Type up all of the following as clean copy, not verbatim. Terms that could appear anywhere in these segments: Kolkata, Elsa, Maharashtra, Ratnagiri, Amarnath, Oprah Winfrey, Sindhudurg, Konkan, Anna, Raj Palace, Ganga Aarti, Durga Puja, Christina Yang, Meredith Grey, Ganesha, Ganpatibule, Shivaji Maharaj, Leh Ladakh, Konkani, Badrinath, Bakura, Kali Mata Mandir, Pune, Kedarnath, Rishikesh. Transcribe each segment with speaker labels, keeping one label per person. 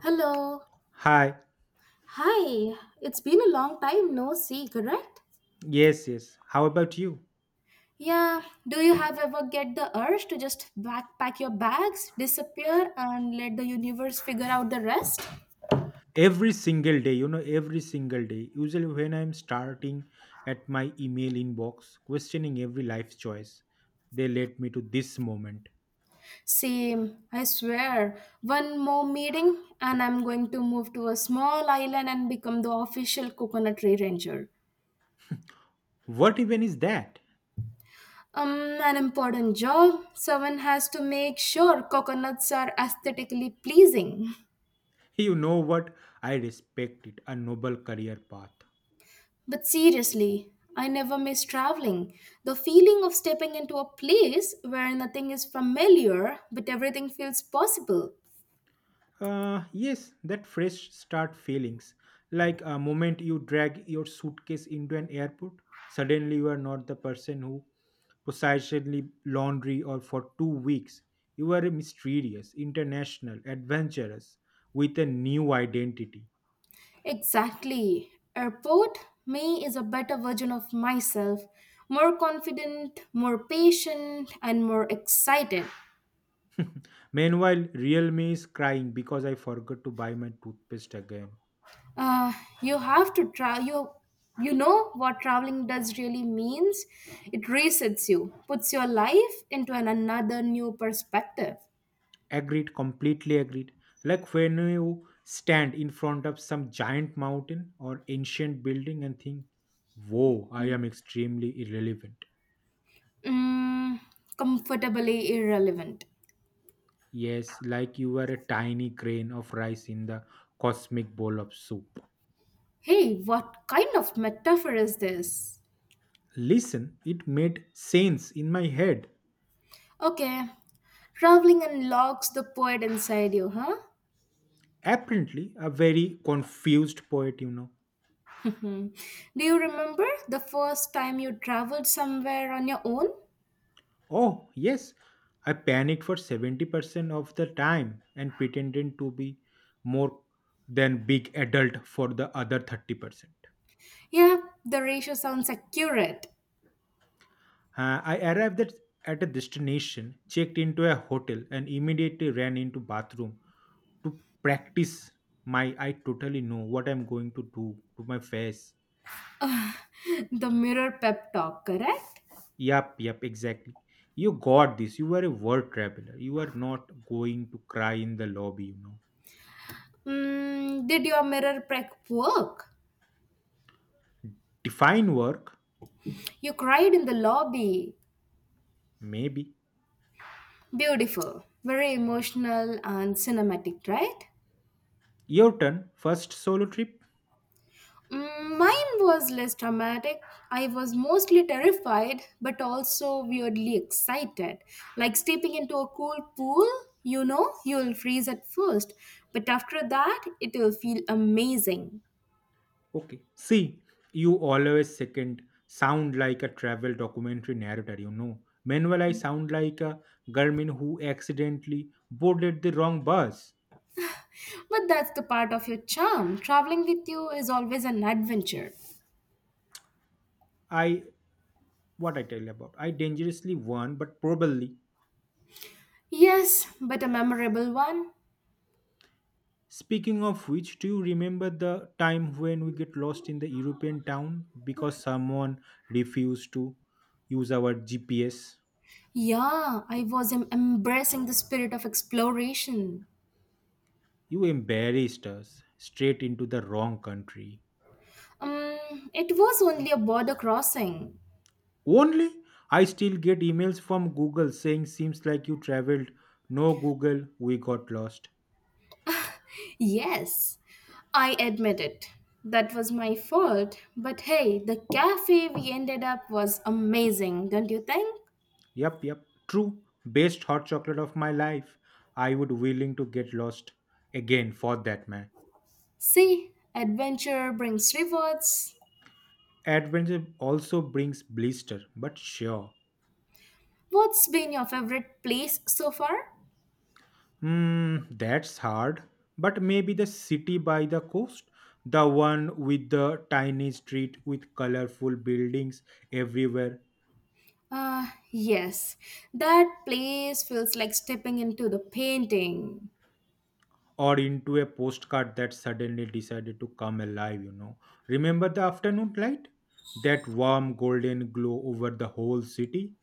Speaker 1: Hello.
Speaker 2: Hi.
Speaker 1: Hi. It's been a long time no see, correct?
Speaker 2: Yes, yes. How about you?
Speaker 1: Yeah. Do you have ever get the urge to just backpack your bags, disappear, and let the universe figure out the rest?
Speaker 2: Every single day, every single day, usually when I'm starting at my email inbox, questioning every life choice, they led me to this moment.
Speaker 1: Same. I swear. One more meeting, and I'm going to move to a small island and become the official coconut tree ranger.
Speaker 2: What even is that?
Speaker 1: Um, an important job. Someone has to make sure coconuts are aesthetically pleasing.
Speaker 2: You know what? I respect it, a noble career path.
Speaker 1: But seriously, I never miss traveling. The feeling of stepping into a place where nothing is familiar but everything feels possible.
Speaker 2: Yes, that fresh start feelings. Like a moment you drag your suitcase into an airport, suddenly you are not the person who possessedly laundry or for 2 weeks. You are a mysterious, international, adventurous with a new identity.
Speaker 1: Exactly. Airport, me is a better version of myself. More confident, more patient, and more excited.
Speaker 2: Meanwhile, real me is crying because I forgot to buy my toothpaste again.
Speaker 1: Uh, you have to try. You know what traveling does really means? It resets you, puts your life into an another new perspective.
Speaker 2: Agreed, completely agreed. Like when you stand in front of some giant mountain or ancient building and think, whoa, I am extremely irrelevant.
Speaker 1: Mm, Comfortably irrelevant.
Speaker 2: Yes, like you are a tiny grain of rice in the cosmic bowl of soup.
Speaker 1: Hey, what kind of metaphor is this?
Speaker 2: Listen, it made sense in my head.
Speaker 1: Okay, traveling unlocks the poet inside you, huh?
Speaker 2: Apparently, a very confused poet.
Speaker 1: Hmm. Do you remember the first time you traveled somewhere on your own?
Speaker 2: Oh, yes, I panicked for 70% of the time and pretended to be more than big adult for the other 30%.
Speaker 1: Yeah, the ratio sounds accurate.
Speaker 2: I arrived at a destination, checked into a hotel, and immediately ran into bathroom to practice my I totally know what I'm going to do to my face.
Speaker 1: The mirror pep talk, correct?
Speaker 2: Yup, yup, exactly. You got this. You are a world traveler. You are not going to cry in the lobby.
Speaker 1: Did your mirror prep work?
Speaker 2: Define work,
Speaker 1: You cried in the lobby.
Speaker 2: maybe.
Speaker 1: Beautiful, very emotional and cinematic, right?
Speaker 2: Your turn. First solo trip?
Speaker 1: Mine was less dramatic. I was mostly terrified, but also weirdly excited. Like stepping into a cool pool, you'll freeze at first, but after that, it'll feel amazing.
Speaker 2: Okay. See, you always second sound like a travel documentary narrator. Meanwhile, I sound like a Garmin who accidentally boarded the wrong bus.
Speaker 1: But that's the part of your charm. Traveling with you is always an adventure.
Speaker 2: I, what I tell you about? I dangerously won, but probably.
Speaker 1: Yes, but a memorable one.
Speaker 2: Speaking of which, do you remember the time when we get lost in the European town because someone refused to use our GPS?
Speaker 1: Yeah, I was embracing the spirit of exploration.
Speaker 2: You embarrassed us straight into the wrong country.
Speaker 1: It was only a border crossing.
Speaker 2: Only I still get emails from Google saying, seems like you traveled. No, Google, we got lost.
Speaker 1: Yes, I admit it. That was my fault. But hey, the cafe we ended up was amazing, don't you think?
Speaker 2: Yep, yep. True. Best hot chocolate of my life. I would willing to get lost again for that man.
Speaker 1: See, adventure brings rewards.
Speaker 2: Adventure also brings blister, but sure.
Speaker 1: What's been your favorite place so far?
Speaker 2: Hmm, that's hard. But maybe the city by the coast, the one with the tiny street with colorful buildings everywhere,
Speaker 1: Yes, that place feels like stepping into the painting.
Speaker 2: or into a postcard that suddenly decided to come alive. Remember the afternoon light? That warm golden glow over the whole city?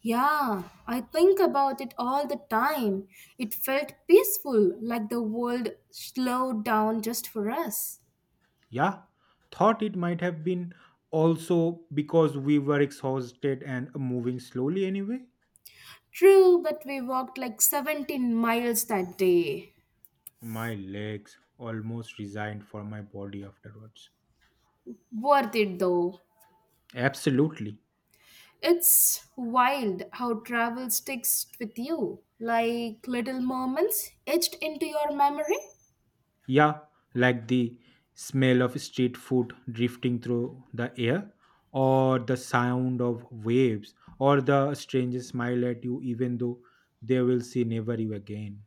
Speaker 1: Yeah, I think about it all the time. It felt peaceful, like the world slowed down just for us.
Speaker 2: Yeah, thought it might have been also because we were exhausted and moving slowly anyway.
Speaker 1: True, but we walked like 17 miles that day.
Speaker 2: My legs almost resigned for my body afterwards.
Speaker 1: Worth it though.
Speaker 2: Absolutely.
Speaker 1: It's wild how travel sticks with you, like little moments etched into your memory.
Speaker 2: Yeah, like the smell of street food drifting through the air, or the sound of waves, or the stranger smile at you even though they will see never you again.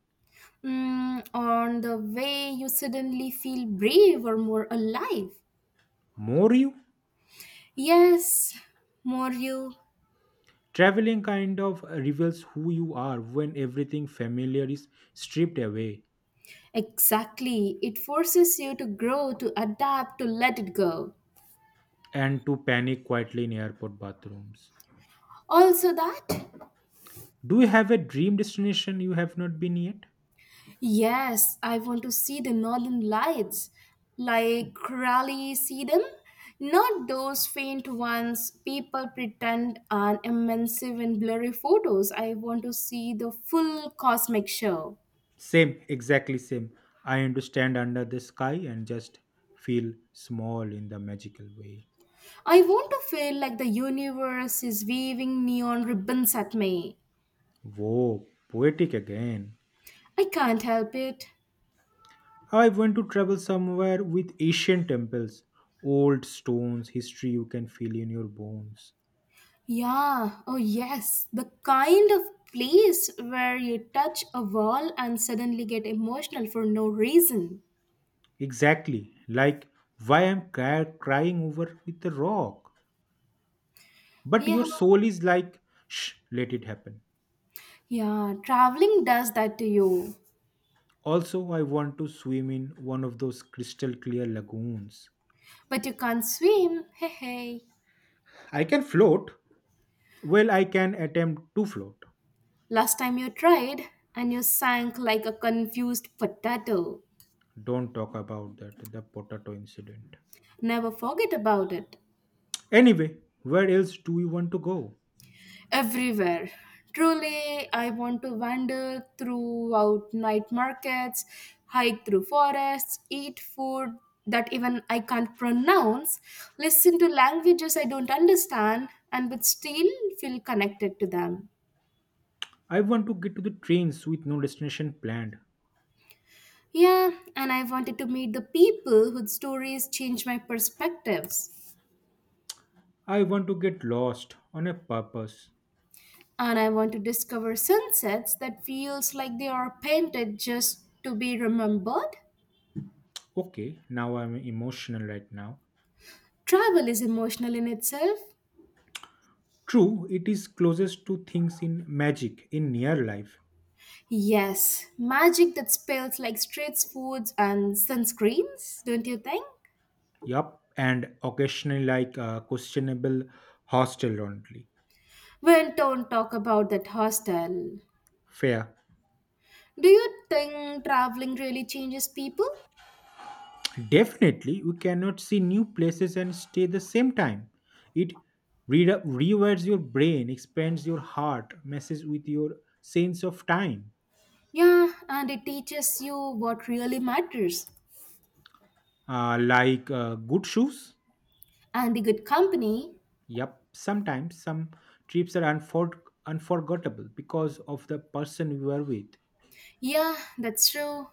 Speaker 1: On the way, you suddenly feel brave or more alive.
Speaker 2: More you?
Speaker 1: Yes, more you.
Speaker 2: Traveling kind of reveals who you are when everything familiar is stripped away
Speaker 1: Exactly. It forces you to grow, to adapt, to let it go.
Speaker 2: and to panic quietly in airport bathrooms.
Speaker 1: Also, that.
Speaker 2: Do you have a dream destination you have not been yet?
Speaker 1: Yes, I want to see the northern lights. Like really see them? Not those faint ones people pretend are immense in blurry photos. I want to see the full cosmic show.
Speaker 2: Same, exactly same. I understand under the sky and just feel small in the magical way.
Speaker 1: I want to feel like the universe is waving neon ribbons at me.
Speaker 2: Whoa, poetic again.
Speaker 1: I can't help it.
Speaker 2: I want to travel somewhere with ancient temples, old stones, history you can feel in your bones.
Speaker 1: Yeah, oh yes, the kind of place where you touch a wall and suddenly get emotional for no reason.
Speaker 2: Exactly, like why I'm crying over with the rock. But
Speaker 1: Yeah,
Speaker 2: your soul is like, shh, let it happen.
Speaker 1: yeah, traveling does that to you.
Speaker 2: Also, I want to swim in one of those crystal clear lagoons.
Speaker 1: But you can't swim. Hey, hey.
Speaker 2: I can float. Well, I can attempt to float.
Speaker 1: Last time you tried and you sank like a confused potato.
Speaker 2: Don't talk about that, the potato incident.
Speaker 1: Never forget about it.
Speaker 2: Anyway, where else do you want to go?
Speaker 1: Everywhere. Truly, I want to wander throughout night markets, hike through forests, eat food that even I can't pronounce, listen to languages I don't understand, and but still feel connected to them.
Speaker 2: I want to get to the trains with no destination planned.
Speaker 1: Yeah, and I wanted to meet the people whose stories change my perspectives.
Speaker 2: I want to get lost on a purpose.
Speaker 1: And I want to discover sunsets that feels like they are painted just to be remembered.
Speaker 2: Okay, now I'm emotional right now.
Speaker 1: Travel is emotional in itself.
Speaker 2: True, it is closest to things in magic, in near life.
Speaker 1: Yes, magic that spells like street foods and sunscreens, don't you think?
Speaker 2: Yup, and occasionally like a questionable hostel only.
Speaker 1: Well, don't talk about that hostel.
Speaker 2: Fair.
Speaker 1: Do you think traveling really changes people?
Speaker 2: Definitely, we cannot see new places and stay the same time. It rewires your brain, expands your heart, messes with your sense of time.
Speaker 1: Yeah, and it teaches you what really matters.
Speaker 2: Like good shoes.
Speaker 1: And the good company.
Speaker 2: Yep, sometimes some trips are unforgettable because of the person you were with.
Speaker 1: Yeah, that's true.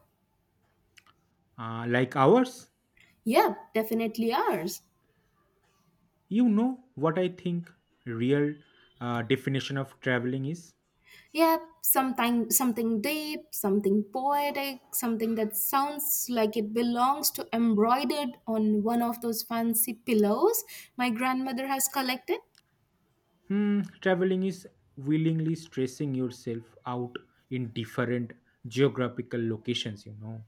Speaker 2: Like ours,
Speaker 1: Yep, definitely ours.
Speaker 2: you know what I think real definition of traveling is.
Speaker 1: Yep, something deep, something poetic, something that sounds like it belongs to embroidered on one of those fancy pillows my grandmother has collected.
Speaker 2: Hmm, traveling is willingly stressing yourself out in different geographical locations.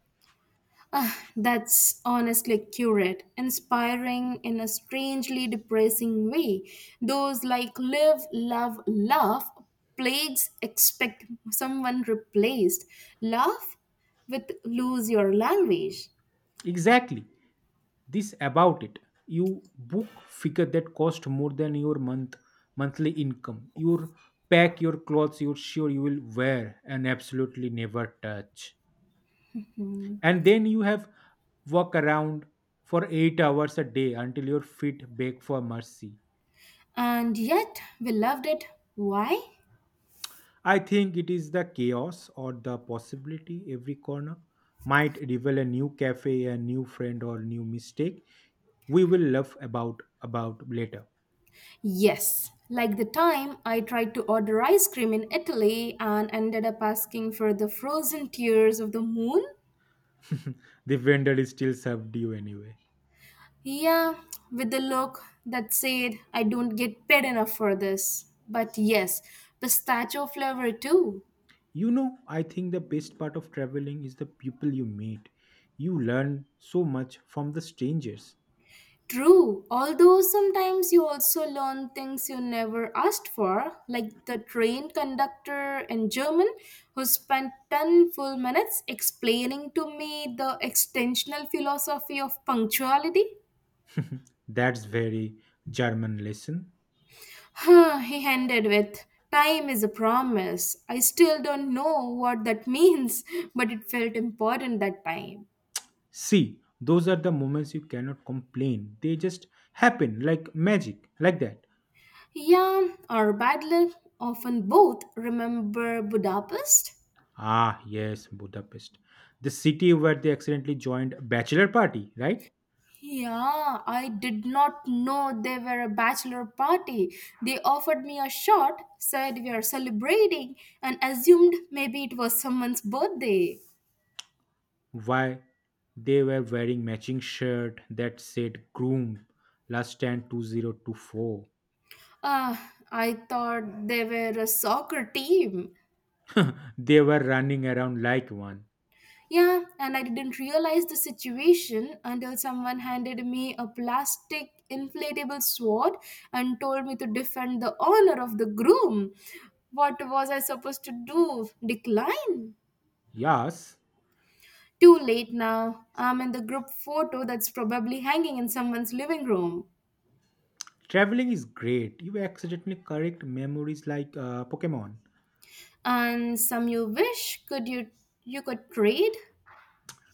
Speaker 1: Ah, that's honestly accurate. Inspiring in a strangely depressing way. Those like live, love, laugh plagues expect someone replaced. Laugh with lose your language.
Speaker 2: Exactly. This about it. You book figure that cost more than your monthly income. You pack your clothes you're sure you will wear and absolutely never touch. And then you have walk around for 8 hours a day until your feet beg for mercy.
Speaker 1: And yet, we loved it. Why?
Speaker 2: I think it is the chaos or the possibility every corner might reveal a new cafe, a new friend, or new mistake we will laugh about later.
Speaker 1: Yes, like the time I tried to order ice cream in Italy and ended up asking for the frozen tears of the moon.
Speaker 2: The vendor is still served you anyway.
Speaker 1: Yeah, with the look that said, "I don't get paid enough for this." But yes, pistachio flavor too.
Speaker 2: You know, I think the best part of traveling is the people you meet. You learn so much from the strangers.
Speaker 1: True, although sometimes you also learn things you never asked for, like the train conductor in German who spent 10 full minutes explaining to me the extensional philosophy of punctuality.
Speaker 2: That's very German lesson.
Speaker 1: Huh, he ended with, "Time is a promise." I still don't know what that means, but it felt important that time.
Speaker 2: See, those are the moments you cannot complain. They just happen like magic, like that.
Speaker 1: Yeah, or bad luck, often both. Remember Budapest?
Speaker 2: Ah, yes, Budapest. The city where they accidentally joined a bachelor party, right?
Speaker 1: Yeah, I did not know they were a bachelor party. They offered me a shot, said we are celebrating, and assumed maybe it was someone's birthday.
Speaker 2: Why they were wearing matching shirt that said groom last stand 2024.
Speaker 1: Ah, I thought they were a soccer team.
Speaker 2: They were running around like one.
Speaker 1: Yeah, and I didn't realize the situation until someone handed me a plastic inflatable sword and told me to defend the honor of the groom. What was I supposed to do? Decline?
Speaker 2: Yes,
Speaker 1: Too late now. I'm in the group photo that's probably hanging in someone's living room.
Speaker 2: traveling is great. You accidentally correct memories like Pokemon.
Speaker 1: And some you wish could you you could trade?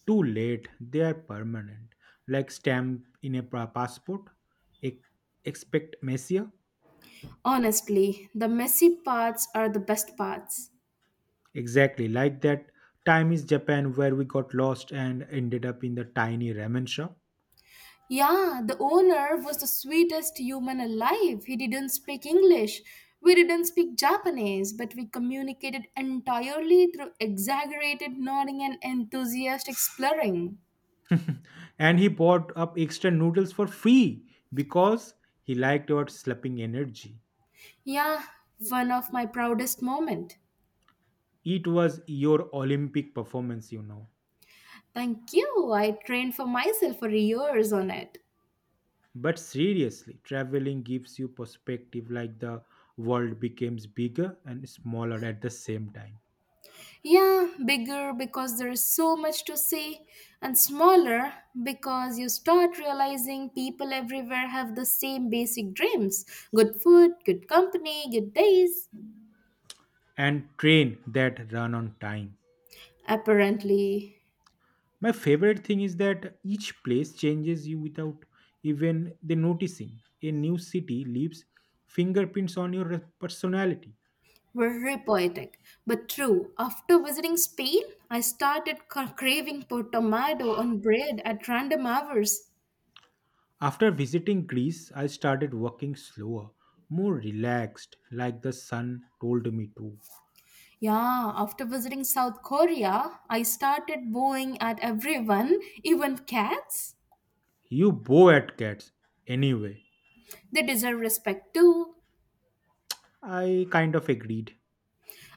Speaker 2: Too late, they are permanent. Like stamp in a passport, e- expect Messiah.
Speaker 1: Honestly, the messy parts are the best parts.
Speaker 2: Exactly, like that time is Japan where we got lost and ended up in the tiny ramen shop.
Speaker 1: Yeah, the owner was the sweetest human alive. He didn't speak English. We didn't speak Japanese, but we communicated entirely through exaggerated nodding and enthusiastic slurring.
Speaker 2: And he bought up extra noodles for free because he liked our slapping energy.
Speaker 1: Yeah, one of my proudest moment.
Speaker 2: It was your Olympic performance.
Speaker 1: Thank you. I trained for myself for years on it.
Speaker 2: But seriously, traveling gives you perspective like the world becomes bigger and smaller at the same time.
Speaker 1: Yeah, bigger because there is so much to say, and smaller because you start realizing people everywhere have the same basic dreams good food, good company, good days.
Speaker 2: And train that run on time.
Speaker 1: Apparently,
Speaker 2: My favorite thing is that each place changes you without even the noticing. A new city leaves fingerprints on your personality.
Speaker 1: very poetic, but true. After visiting Spain, I started craving for tomato on bread at random hours.
Speaker 2: After visiting Greece, I started working slower, more relaxed, like the sun told me to.
Speaker 1: Yeah, after visiting South Korea, I started bowing at everyone, even cats.
Speaker 2: You bow at cats anyway.
Speaker 1: They deserve respect too.
Speaker 2: I kind of agreed.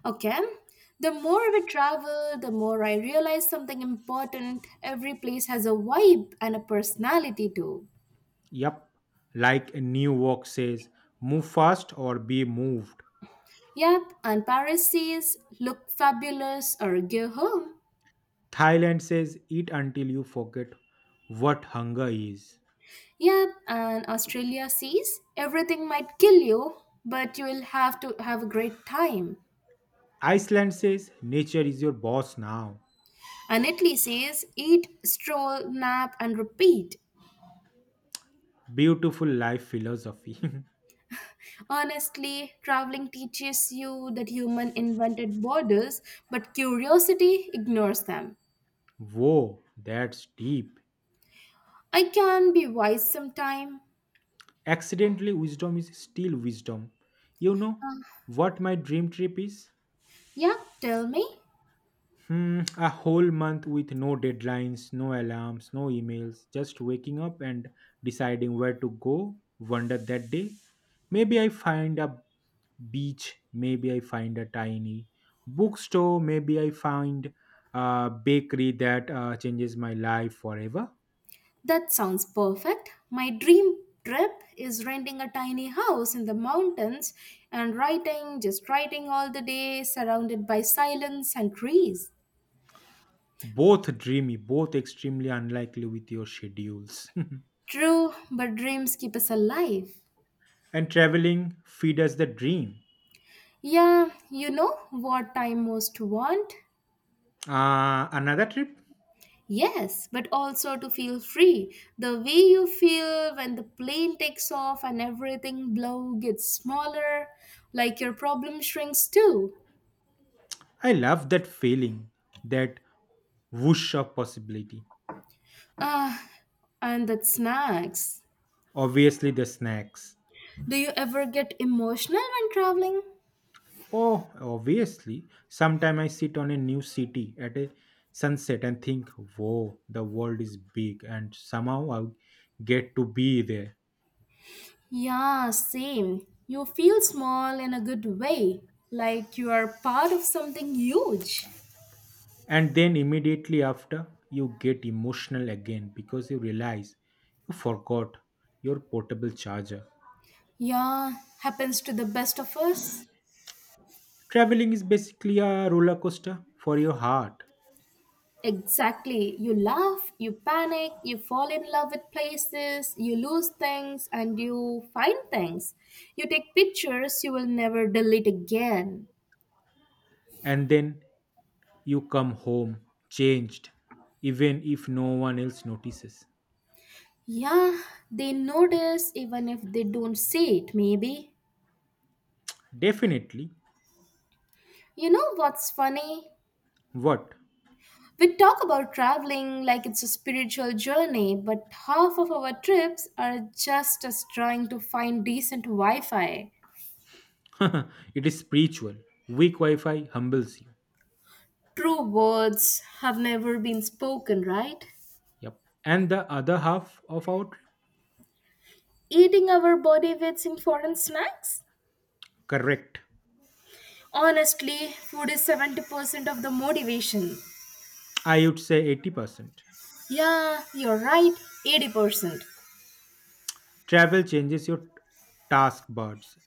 Speaker 1: Okay. The more we travel, the more I realize something important. Every place has a vibe and a personality too.
Speaker 2: Yup, like a new walk says, move fast or be moved.
Speaker 1: Yep, and Paris says, look fabulous or go home.
Speaker 2: Thailand says, eat until you forget what hunger is.
Speaker 1: Yep, and Australia says, everything might kill you, but you will have to have a great time.
Speaker 2: Iceland says nature is your boss now.
Speaker 1: And Italy says, eat, stroll, nap, and repeat.
Speaker 2: Beautiful life philosophy.
Speaker 1: Honestly, traveling teaches you that human invented borders, but curiosity ignores them.
Speaker 2: Whoa, that's deep.
Speaker 1: I can be wise sometime.
Speaker 2: Accidentally, wisdom is still wisdom. You know what my dream trip is?
Speaker 1: Yeah, tell me.
Speaker 2: Hmm, a whole month with no deadlines, no alarms, no emails, just waking up and deciding where to go, wander that day. Maybe I find a beach, maybe I find a tiny bookstore, maybe I find a bakery that changes my life forever.
Speaker 1: That sounds perfect. My dream trip is renting a tiny house in the mountains and writing, just writing all the day, surrounded by silence and trees.
Speaker 2: Both dreamy, both extremely unlikely with your schedules.
Speaker 1: True, but dreams keep us alive.
Speaker 2: And traveling feed us the dream.
Speaker 1: Yeah, you know what I most want?
Speaker 2: Another trip?
Speaker 1: Yes, but also to feel free. The way you feel when the plane takes off and everything below gets smaller, like your problem shrinks too.
Speaker 2: I love that feeling that whoosh of possibility.
Speaker 1: Ah, and that snacks.
Speaker 2: Obviously, the snacks.
Speaker 1: Do you ever get emotional when traveling?
Speaker 2: Oh, obviously. Sometime I sit on a new city at a sunset and think, whoa, the world is big, and somehow I get to be there.
Speaker 1: Yeah, same. You feel small in a good way, like you are part of something huge.
Speaker 2: And then immediately after, you get emotional again because you realize you forgot your portable charger.
Speaker 1: Yeah, happens to the best of us.
Speaker 2: Traveling is basically a roller coaster for your heart.
Speaker 1: Exactly. You laugh, you panic, you fall in love with places, you lose things, and you find things. You take pictures you will never delete again.
Speaker 2: And then you come home changed, even if no one else notices.
Speaker 1: Yeah, they notice even if they don't see it, maybe.
Speaker 2: Definitely.
Speaker 1: You know what's funny?
Speaker 2: What?
Speaker 1: We talk about traveling like it's a spiritual journey, but half of our trips are just us trying to find decent Wi Fi.
Speaker 2: It is spiritual. Weak Wi Fi humbles you.
Speaker 1: True words have never been spoken, right?
Speaker 2: Yep. And the other half of our trip?
Speaker 1: Eating our body weights in foreign snacks?
Speaker 2: Correct.
Speaker 1: Honestly, food is 70% of the motivation.
Speaker 2: I would say 80%.
Speaker 1: Yeah, you're right, 80%.
Speaker 2: Travel changes your taskbars.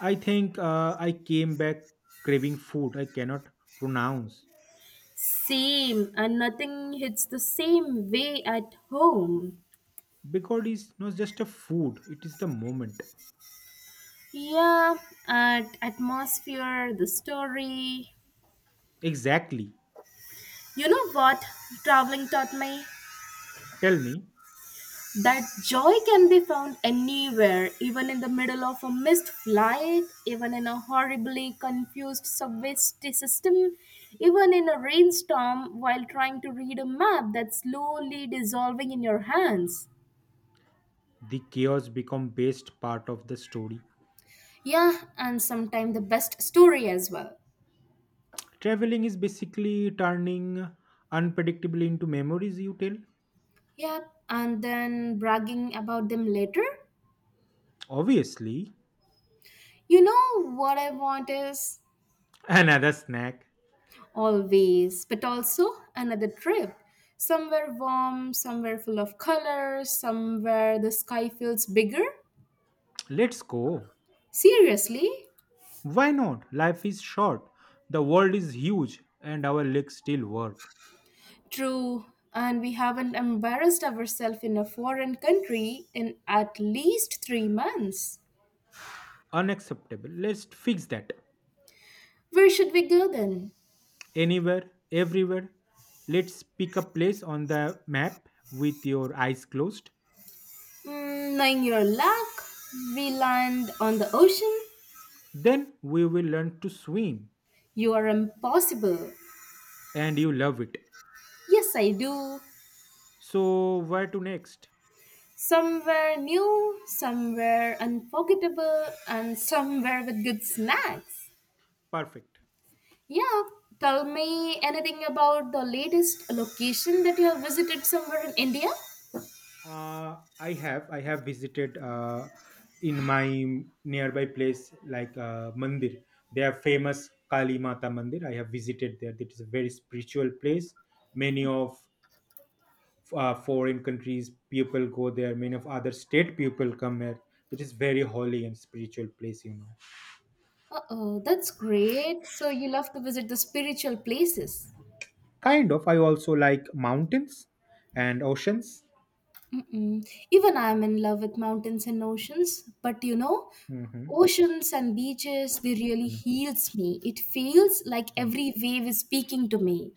Speaker 2: I think I came back craving food I cannot pronounce
Speaker 1: Same, and nothing hits the same way at home.
Speaker 2: because it's not just a food, it is the moment.
Speaker 1: Yeah, at atmosphere, the story.
Speaker 2: Exactly.
Speaker 1: You know what traveling taught me?
Speaker 2: Tell me,
Speaker 1: That joy can be found anywhere, even in the middle of a missed flight, even in a horribly confused subway system, even in a rainstorm while trying to read a map that's slowly dissolving in your hands.
Speaker 2: the chaos become best part of the story.
Speaker 1: Yeah, and sometimes the best story as well.
Speaker 2: Traveling is basically turning unpredictable into memories you tell.
Speaker 1: Yep, and then bragging about them later.
Speaker 2: Obviously,
Speaker 1: You know what I want is.
Speaker 2: another snack.
Speaker 1: Always, but also another trip. Somewhere warm, somewhere full of colors, somewhere the sky feels bigger.
Speaker 2: Let's go.
Speaker 1: Seriously?
Speaker 2: Why not? Life is short. The world is huge, and our legs still work.
Speaker 1: True. And we haven't embarrassed ourselves in a foreign country in at least 3 months.
Speaker 2: Unacceptable. Let's fix that.
Speaker 1: Where should we go then?
Speaker 2: Anywhere, everywhere. Let's pick a place on the map with your eyes closed.
Speaker 1: Knowing your luck, we land on the ocean.
Speaker 2: Then we will learn to swim.
Speaker 1: You are impossible.
Speaker 2: And you love it.
Speaker 1: Yes, I do.
Speaker 2: So where to next?
Speaker 1: Some were new, some were unforgettable, and some were with good snacks.
Speaker 2: Perfect.
Speaker 1: Yeah, tell me anything about the latest location that you have visited somewhere in India?
Speaker 2: I have visited in my nearby place like Mandir. They are famous Kali Mata Mandir. I have visited there. It is a very spiritual place. Many of foreign countries people go there. Many of other state people come here. It is very holy and spiritual place.
Speaker 1: Uh oh, that's great. So you love to visit the spiritual places.
Speaker 2: Kind of. I also like mountains and oceans.
Speaker 1: Mm-mm. Even I'm in love with mountains and oceans, but you know,
Speaker 2: Hmm.
Speaker 1: oceans and beaches, they really heals me. It feels like every wave is speaking to me.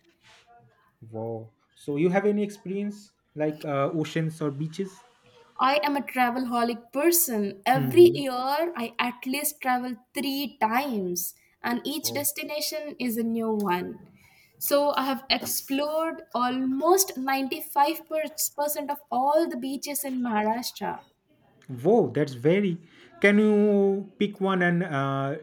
Speaker 2: Wow. So you have any experience like oceans or beaches?
Speaker 1: I am a travel holic person. Every
Speaker 2: Mm-hmm.
Speaker 1: year, I at least travel 3 times, and each
Speaker 2: Wow.
Speaker 1: destination is a new one. So, I have explored almost 95% of all the beaches in Maharashtra.
Speaker 2: Wow, that's very. Can you pick one and uh,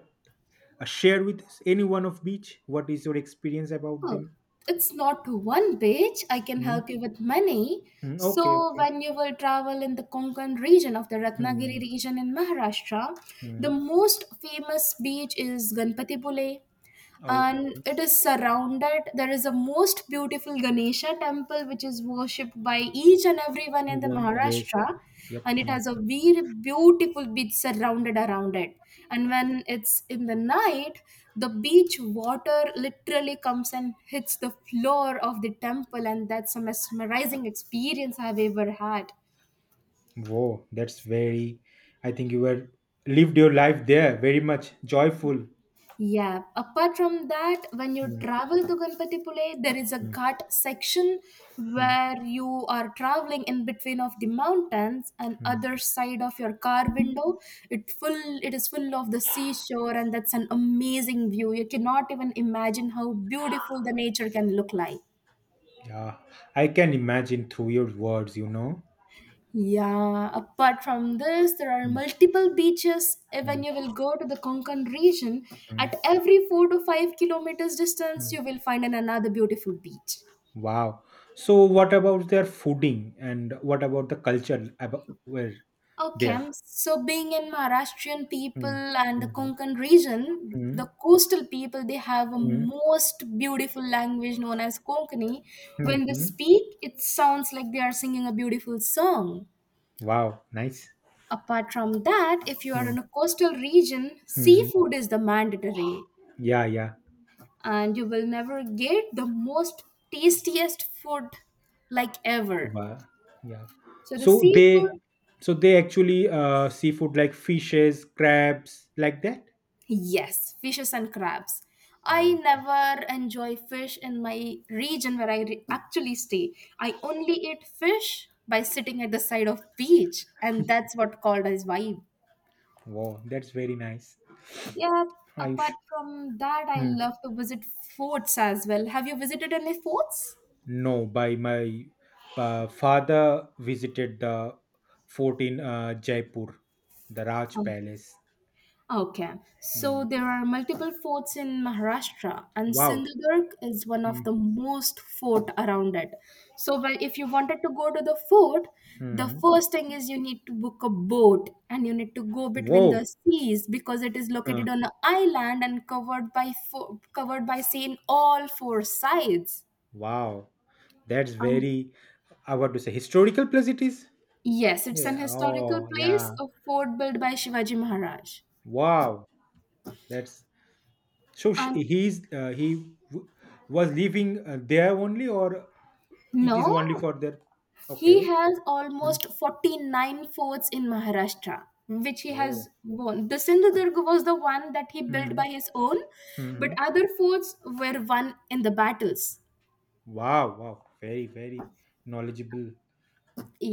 Speaker 2: uh, share with us any one of beach? What is your experience about
Speaker 1: Oh,
Speaker 2: them?
Speaker 1: it's not one beach. I can
Speaker 2: Hmm?
Speaker 1: help you with many.
Speaker 2: Hmm, okay,
Speaker 1: So,
Speaker 2: okay.
Speaker 1: when you will travel in the Konkan region of the Ratnagiri
Speaker 2: Hmm.
Speaker 1: region in Maharashtra, the
Speaker 2: Hmm.
Speaker 1: most famous beach is Ganpatibule. And
Speaker 2: Okay.
Speaker 1: it is surrounded, there is a most beautiful Ganesha temple which is worshipped by each and everyone in
Speaker 2: Move
Speaker 1: the
Speaker 2: on. Yes.
Speaker 1: Maharashtra,
Speaker 2: Yep.
Speaker 1: and it
Speaker 2: Hmm.
Speaker 1: has a very beautiful beach surrounded around it, and when it's in the night, the beach water literally comes and hits the floor of the temple, and that's a mesmerizing experience I've ever had.
Speaker 2: Wow, that's very. I think you were lived your life there very much joyful.
Speaker 1: Yeah, apart from that, when you
Speaker 2: Hmm.
Speaker 1: travel to Ganpatipule, there is a
Speaker 2: Hmm.
Speaker 1: ghat section
Speaker 2: Hmm.
Speaker 1: where you are traveling in between of the mountains and
Speaker 2: Hmm.
Speaker 1: other side of your car window. It is full of the seashore, and that's an amazing view. You cannot even imagine how beautiful the nature can look like.
Speaker 2: Yeah, I can imagine through your words.
Speaker 1: Yeah, apart from this, there are
Speaker 2: Mm,
Speaker 1: multiple beaches when
Speaker 2: mm,
Speaker 1: you will go to the Konkan region.
Speaker 2: mm,
Speaker 1: At every 4 to 5 kilometers distance, you will
Speaker 2: mm.
Speaker 1: find an another beautiful beach.
Speaker 2: Wow. So, what about their fooding and what about the culture about where there?
Speaker 1: Okay, so being in Maharashtrian
Speaker 2: Mm,
Speaker 1: people and the
Speaker 2: mhm,
Speaker 1: Konkan region, the
Speaker 2: mm,
Speaker 1: coastal people, they have a
Speaker 2: mm,
Speaker 1: most beautiful language known as Konkani. When they
Speaker 2: mhm.
Speaker 1: speak, it sounds like they are singing a beautiful song.
Speaker 2: Wow, nice.
Speaker 1: Apart from that, if you are in
Speaker 2: Mm,
Speaker 1: a coastal region,
Speaker 2: mhm.
Speaker 1: seafood is the mandatory,
Speaker 2: Yeah, yeah.
Speaker 1: and you will never get the most tastiest food like ever.
Speaker 2: Wow, yeah.
Speaker 1: So the
Speaker 2: So
Speaker 1: seafood,
Speaker 2: they, so they actually seafood like fishes, crabs, like that.
Speaker 1: yes, fishes and crabs. I
Speaker 2: Oh,
Speaker 1: never enjoy fish in my region where actually stay. I only eat fish by sitting at the side of beach, and that's what called as vibe.
Speaker 2: wow, that's very nice.
Speaker 1: Yeah.
Speaker 2: Are you
Speaker 1: Apart
Speaker 2: sure?
Speaker 1: from that, I love to visit forts as well. Have you visited any forts?
Speaker 2: No, by my father visited the fort in Jaipur, the Raj Palace.
Speaker 1: Okay,
Speaker 2: Hmm.
Speaker 1: so there are multiple forts in Maharashtra, and
Speaker 2: Wow.
Speaker 1: Sindhudurg is one of the most fort around it. So, if you wanted to go to the fort, the
Speaker 2: Mm-hmm.
Speaker 1: first thing is you need to book a boat and you need to go between the
Speaker 2: Whoa.
Speaker 1: seas because it is
Speaker 2: Uh,
Speaker 1: located on an island and covered by covered by sea in all four sides.
Speaker 2: wow. That's
Speaker 1: Um,
Speaker 2: very, I want to say, historical place it is.
Speaker 1: yes, it's an
Speaker 2: Yeah.
Speaker 1: historical
Speaker 2: Oh, yeah.
Speaker 1: place, a fort built by Shivaji Maharaj.
Speaker 2: Wow. That's so.
Speaker 1: Um,
Speaker 2: He's he was living there only, or it is
Speaker 1: no,
Speaker 2: only for their.
Speaker 1: he
Speaker 2: Okay.
Speaker 1: has
Speaker 2: Mm.
Speaker 1: almost 49 forts in Maharashtra, which he has
Speaker 2: Whoa.
Speaker 1: won. The Sindhudurg was the one that he built by his own,
Speaker 2: Mm-hmm.
Speaker 1: but other forts were won in the battles.
Speaker 2: Wow, wow, very, very knowledgeable.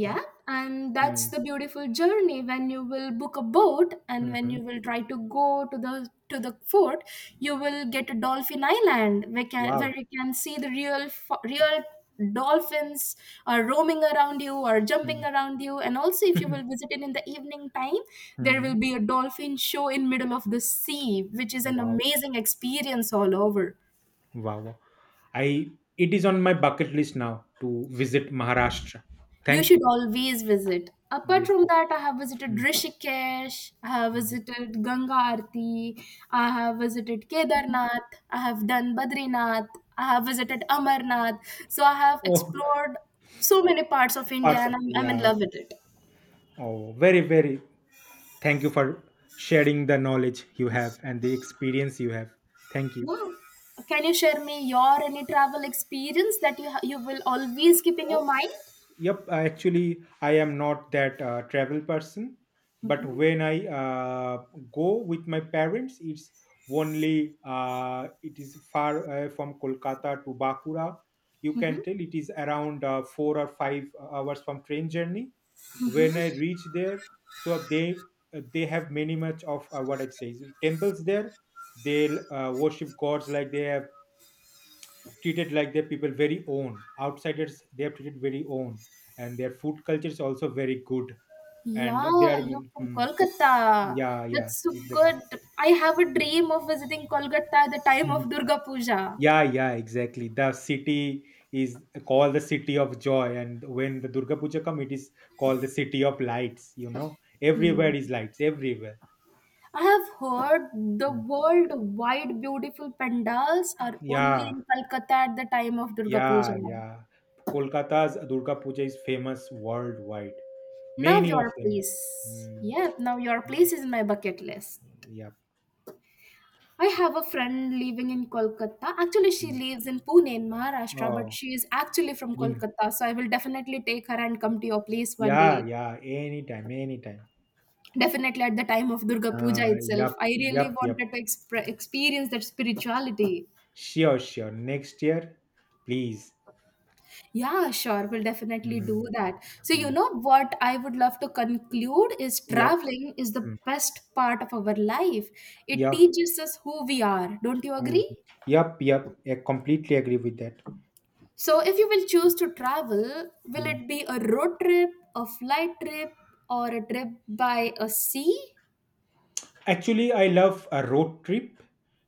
Speaker 2: Eh,
Speaker 1: and that's
Speaker 2: mm,
Speaker 1: the beautiful journey when you will book a boat and when
Speaker 2: mhm.
Speaker 1: you will try to go to the fort, you will get a dolphin island where
Speaker 2: Wow.
Speaker 1: you can see the real real dolphins are roaming around you or jumping
Speaker 2: Mm,
Speaker 1: around you, and also if you will visit it in the evening time, there will
Speaker 2: mhm.
Speaker 1: be a dolphin show in middle of the sea which is an
Speaker 2: Wow,
Speaker 1: amazing experience all over.
Speaker 2: wow, wow. I it is on my bucket list now to visit Maharashtra.
Speaker 1: You
Speaker 2: Thank
Speaker 1: should
Speaker 2: you.
Speaker 1: always visit. Apart
Speaker 2: Yes.
Speaker 1: from that, I have visited
Speaker 2: Mm,
Speaker 1: Rishikesh, I have
Speaker 2: mm.
Speaker 1: visited Ganga Aarti, I have visited Kedarnath, I have done Badrinath, I have visited Amarnath. So I have
Speaker 2: Oh,
Speaker 1: explored so many parts of India
Speaker 2: parts
Speaker 1: and
Speaker 2: of
Speaker 1: I'm in
Speaker 2: yeah.
Speaker 1: love with it.
Speaker 2: Oh, very, very. Thank you for sharing the knowledge you have and the experience you have. Thank
Speaker 1: Yeah. Can you share me your any travel experience that you will always keep in your
Speaker 2: you.
Speaker 1: mind?
Speaker 2: Yep, actually, I am not that travel person, but when I go with my parents, it is far from Kolkata to Bakura. You can tell it is around 4 or 5 hours from train journey. When I reach there, so they have many much of what it says temples there. They worship gods like they have treated like their people very own outsiders they are treated very own and their food culture is also very good and they
Speaker 1: Yeah,
Speaker 2: are
Speaker 1: you're from Kolkata.
Speaker 2: yeah, yeah,
Speaker 1: That's so
Speaker 2: exactly.
Speaker 1: good. I have a dream of visiting Kolkata at the time of
Speaker 2: Mhm.
Speaker 1: Durga Puja.
Speaker 2: Yeah, yeah, exactly, the city is called the city of joy, and when the Durga Puja come, it is called the city of lights you know
Speaker 1: Hmm.
Speaker 2: everywhere is lights everywhere.
Speaker 1: I have heard the
Speaker 2: Mm.
Speaker 1: worldwide beautiful pandals are only
Speaker 2: Yeah,
Speaker 1: in Kolkata at the time of Durga
Speaker 2: yeah,
Speaker 1: Puja.
Speaker 2: yeah, Kolkata's Durga Puja is famous worldwide.
Speaker 1: Now
Speaker 2: Many of
Speaker 1: your
Speaker 2: them.
Speaker 1: place.
Speaker 2: Hmm.
Speaker 1: Yep, now your place is in my bucket list.
Speaker 2: Yeah.
Speaker 1: I have a friend living in Kolkata. Actually, she
Speaker 2: Mm.
Speaker 1: lives in Pune in Maharashtra, but
Speaker 2: Oh.
Speaker 1: she is actually from
Speaker 2: In.
Speaker 1: Kolkata. So I will definitely take her and come to your place one
Speaker 2: Yeah,
Speaker 1: day.
Speaker 2: yeah, anytime, anytime.
Speaker 1: Definitely at the time of Durga Puja
Speaker 2: Uh,
Speaker 1: itself,
Speaker 2: yep,
Speaker 1: I really
Speaker 2: yep, yep.
Speaker 1: wanted to experience that spirituality.
Speaker 2: Sure, sure. Next year, please.
Speaker 1: Yeah, sure, we'll definitely do
Speaker 2: Mm,
Speaker 1: that. So, you
Speaker 2: mm,
Speaker 1: know what I would love to conclude is
Speaker 2: yep,
Speaker 1: traveling is the
Speaker 2: mm,
Speaker 1: best part of our life. It
Speaker 2: yep,
Speaker 1: teaches us who we are. Don't you
Speaker 2: mm,
Speaker 1: agree?
Speaker 2: yep, yep. I completely agree with that.
Speaker 1: So, if you will choose to travel, will
Speaker 2: Mm.
Speaker 1: it be a road trip, a flight trip, or a trip by a sea?
Speaker 2: Actually, I love a road trip.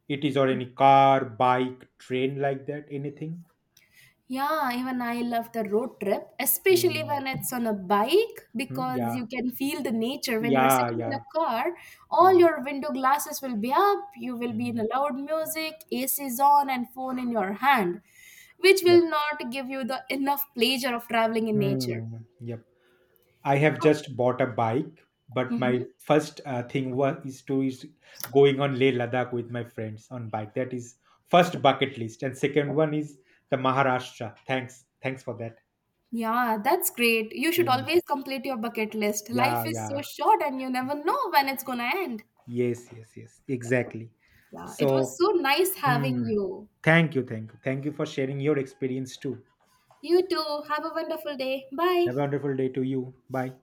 Speaker 2: It is or any car, bike, train like that, anything.
Speaker 1: Yeah, even I love the road trip, especially
Speaker 2: Mm,
Speaker 1: when it's on a bike
Speaker 2: mm,
Speaker 1: because
Speaker 2: yeah,
Speaker 1: you can feel the nature. When you are
Speaker 2: yeah,
Speaker 1: sitting in a
Speaker 2: yeah,
Speaker 1: car, all
Speaker 2: yeah.
Speaker 1: your window glasses will be up, you will be in
Speaker 2: Mm,
Speaker 1: a loud music, AC is on, and phone in your hand, which
Speaker 2: yep.
Speaker 1: will not give you the enough pleasure of traveling in nature.
Speaker 2: Mm, yep. I have just bought a bike, but
Speaker 1: Hmm.
Speaker 2: my first thing was is to is going on Leh Ladakh with my friends on bike. That is first bucket list, and second one is the Maharashtra. Thanks, thanks for that.
Speaker 1: Yeah, that's great. You should
Speaker 2: Mm.
Speaker 1: always complete your bucket list.
Speaker 2: Yeah,
Speaker 1: Life is so
Speaker 2: yeah,
Speaker 1: short, and you never know when it's gonna end.
Speaker 2: yes, yes, yes,
Speaker 1: Yep.
Speaker 2: exactly.
Speaker 1: Yeah, it was
Speaker 2: So,
Speaker 1: so nice having
Speaker 2: hmm,
Speaker 1: you.
Speaker 2: thank you, thank you, thank you for sharing your experience too.
Speaker 1: You too. Have a wonderful day. Bye.
Speaker 2: Have a wonderful day to you. Bye.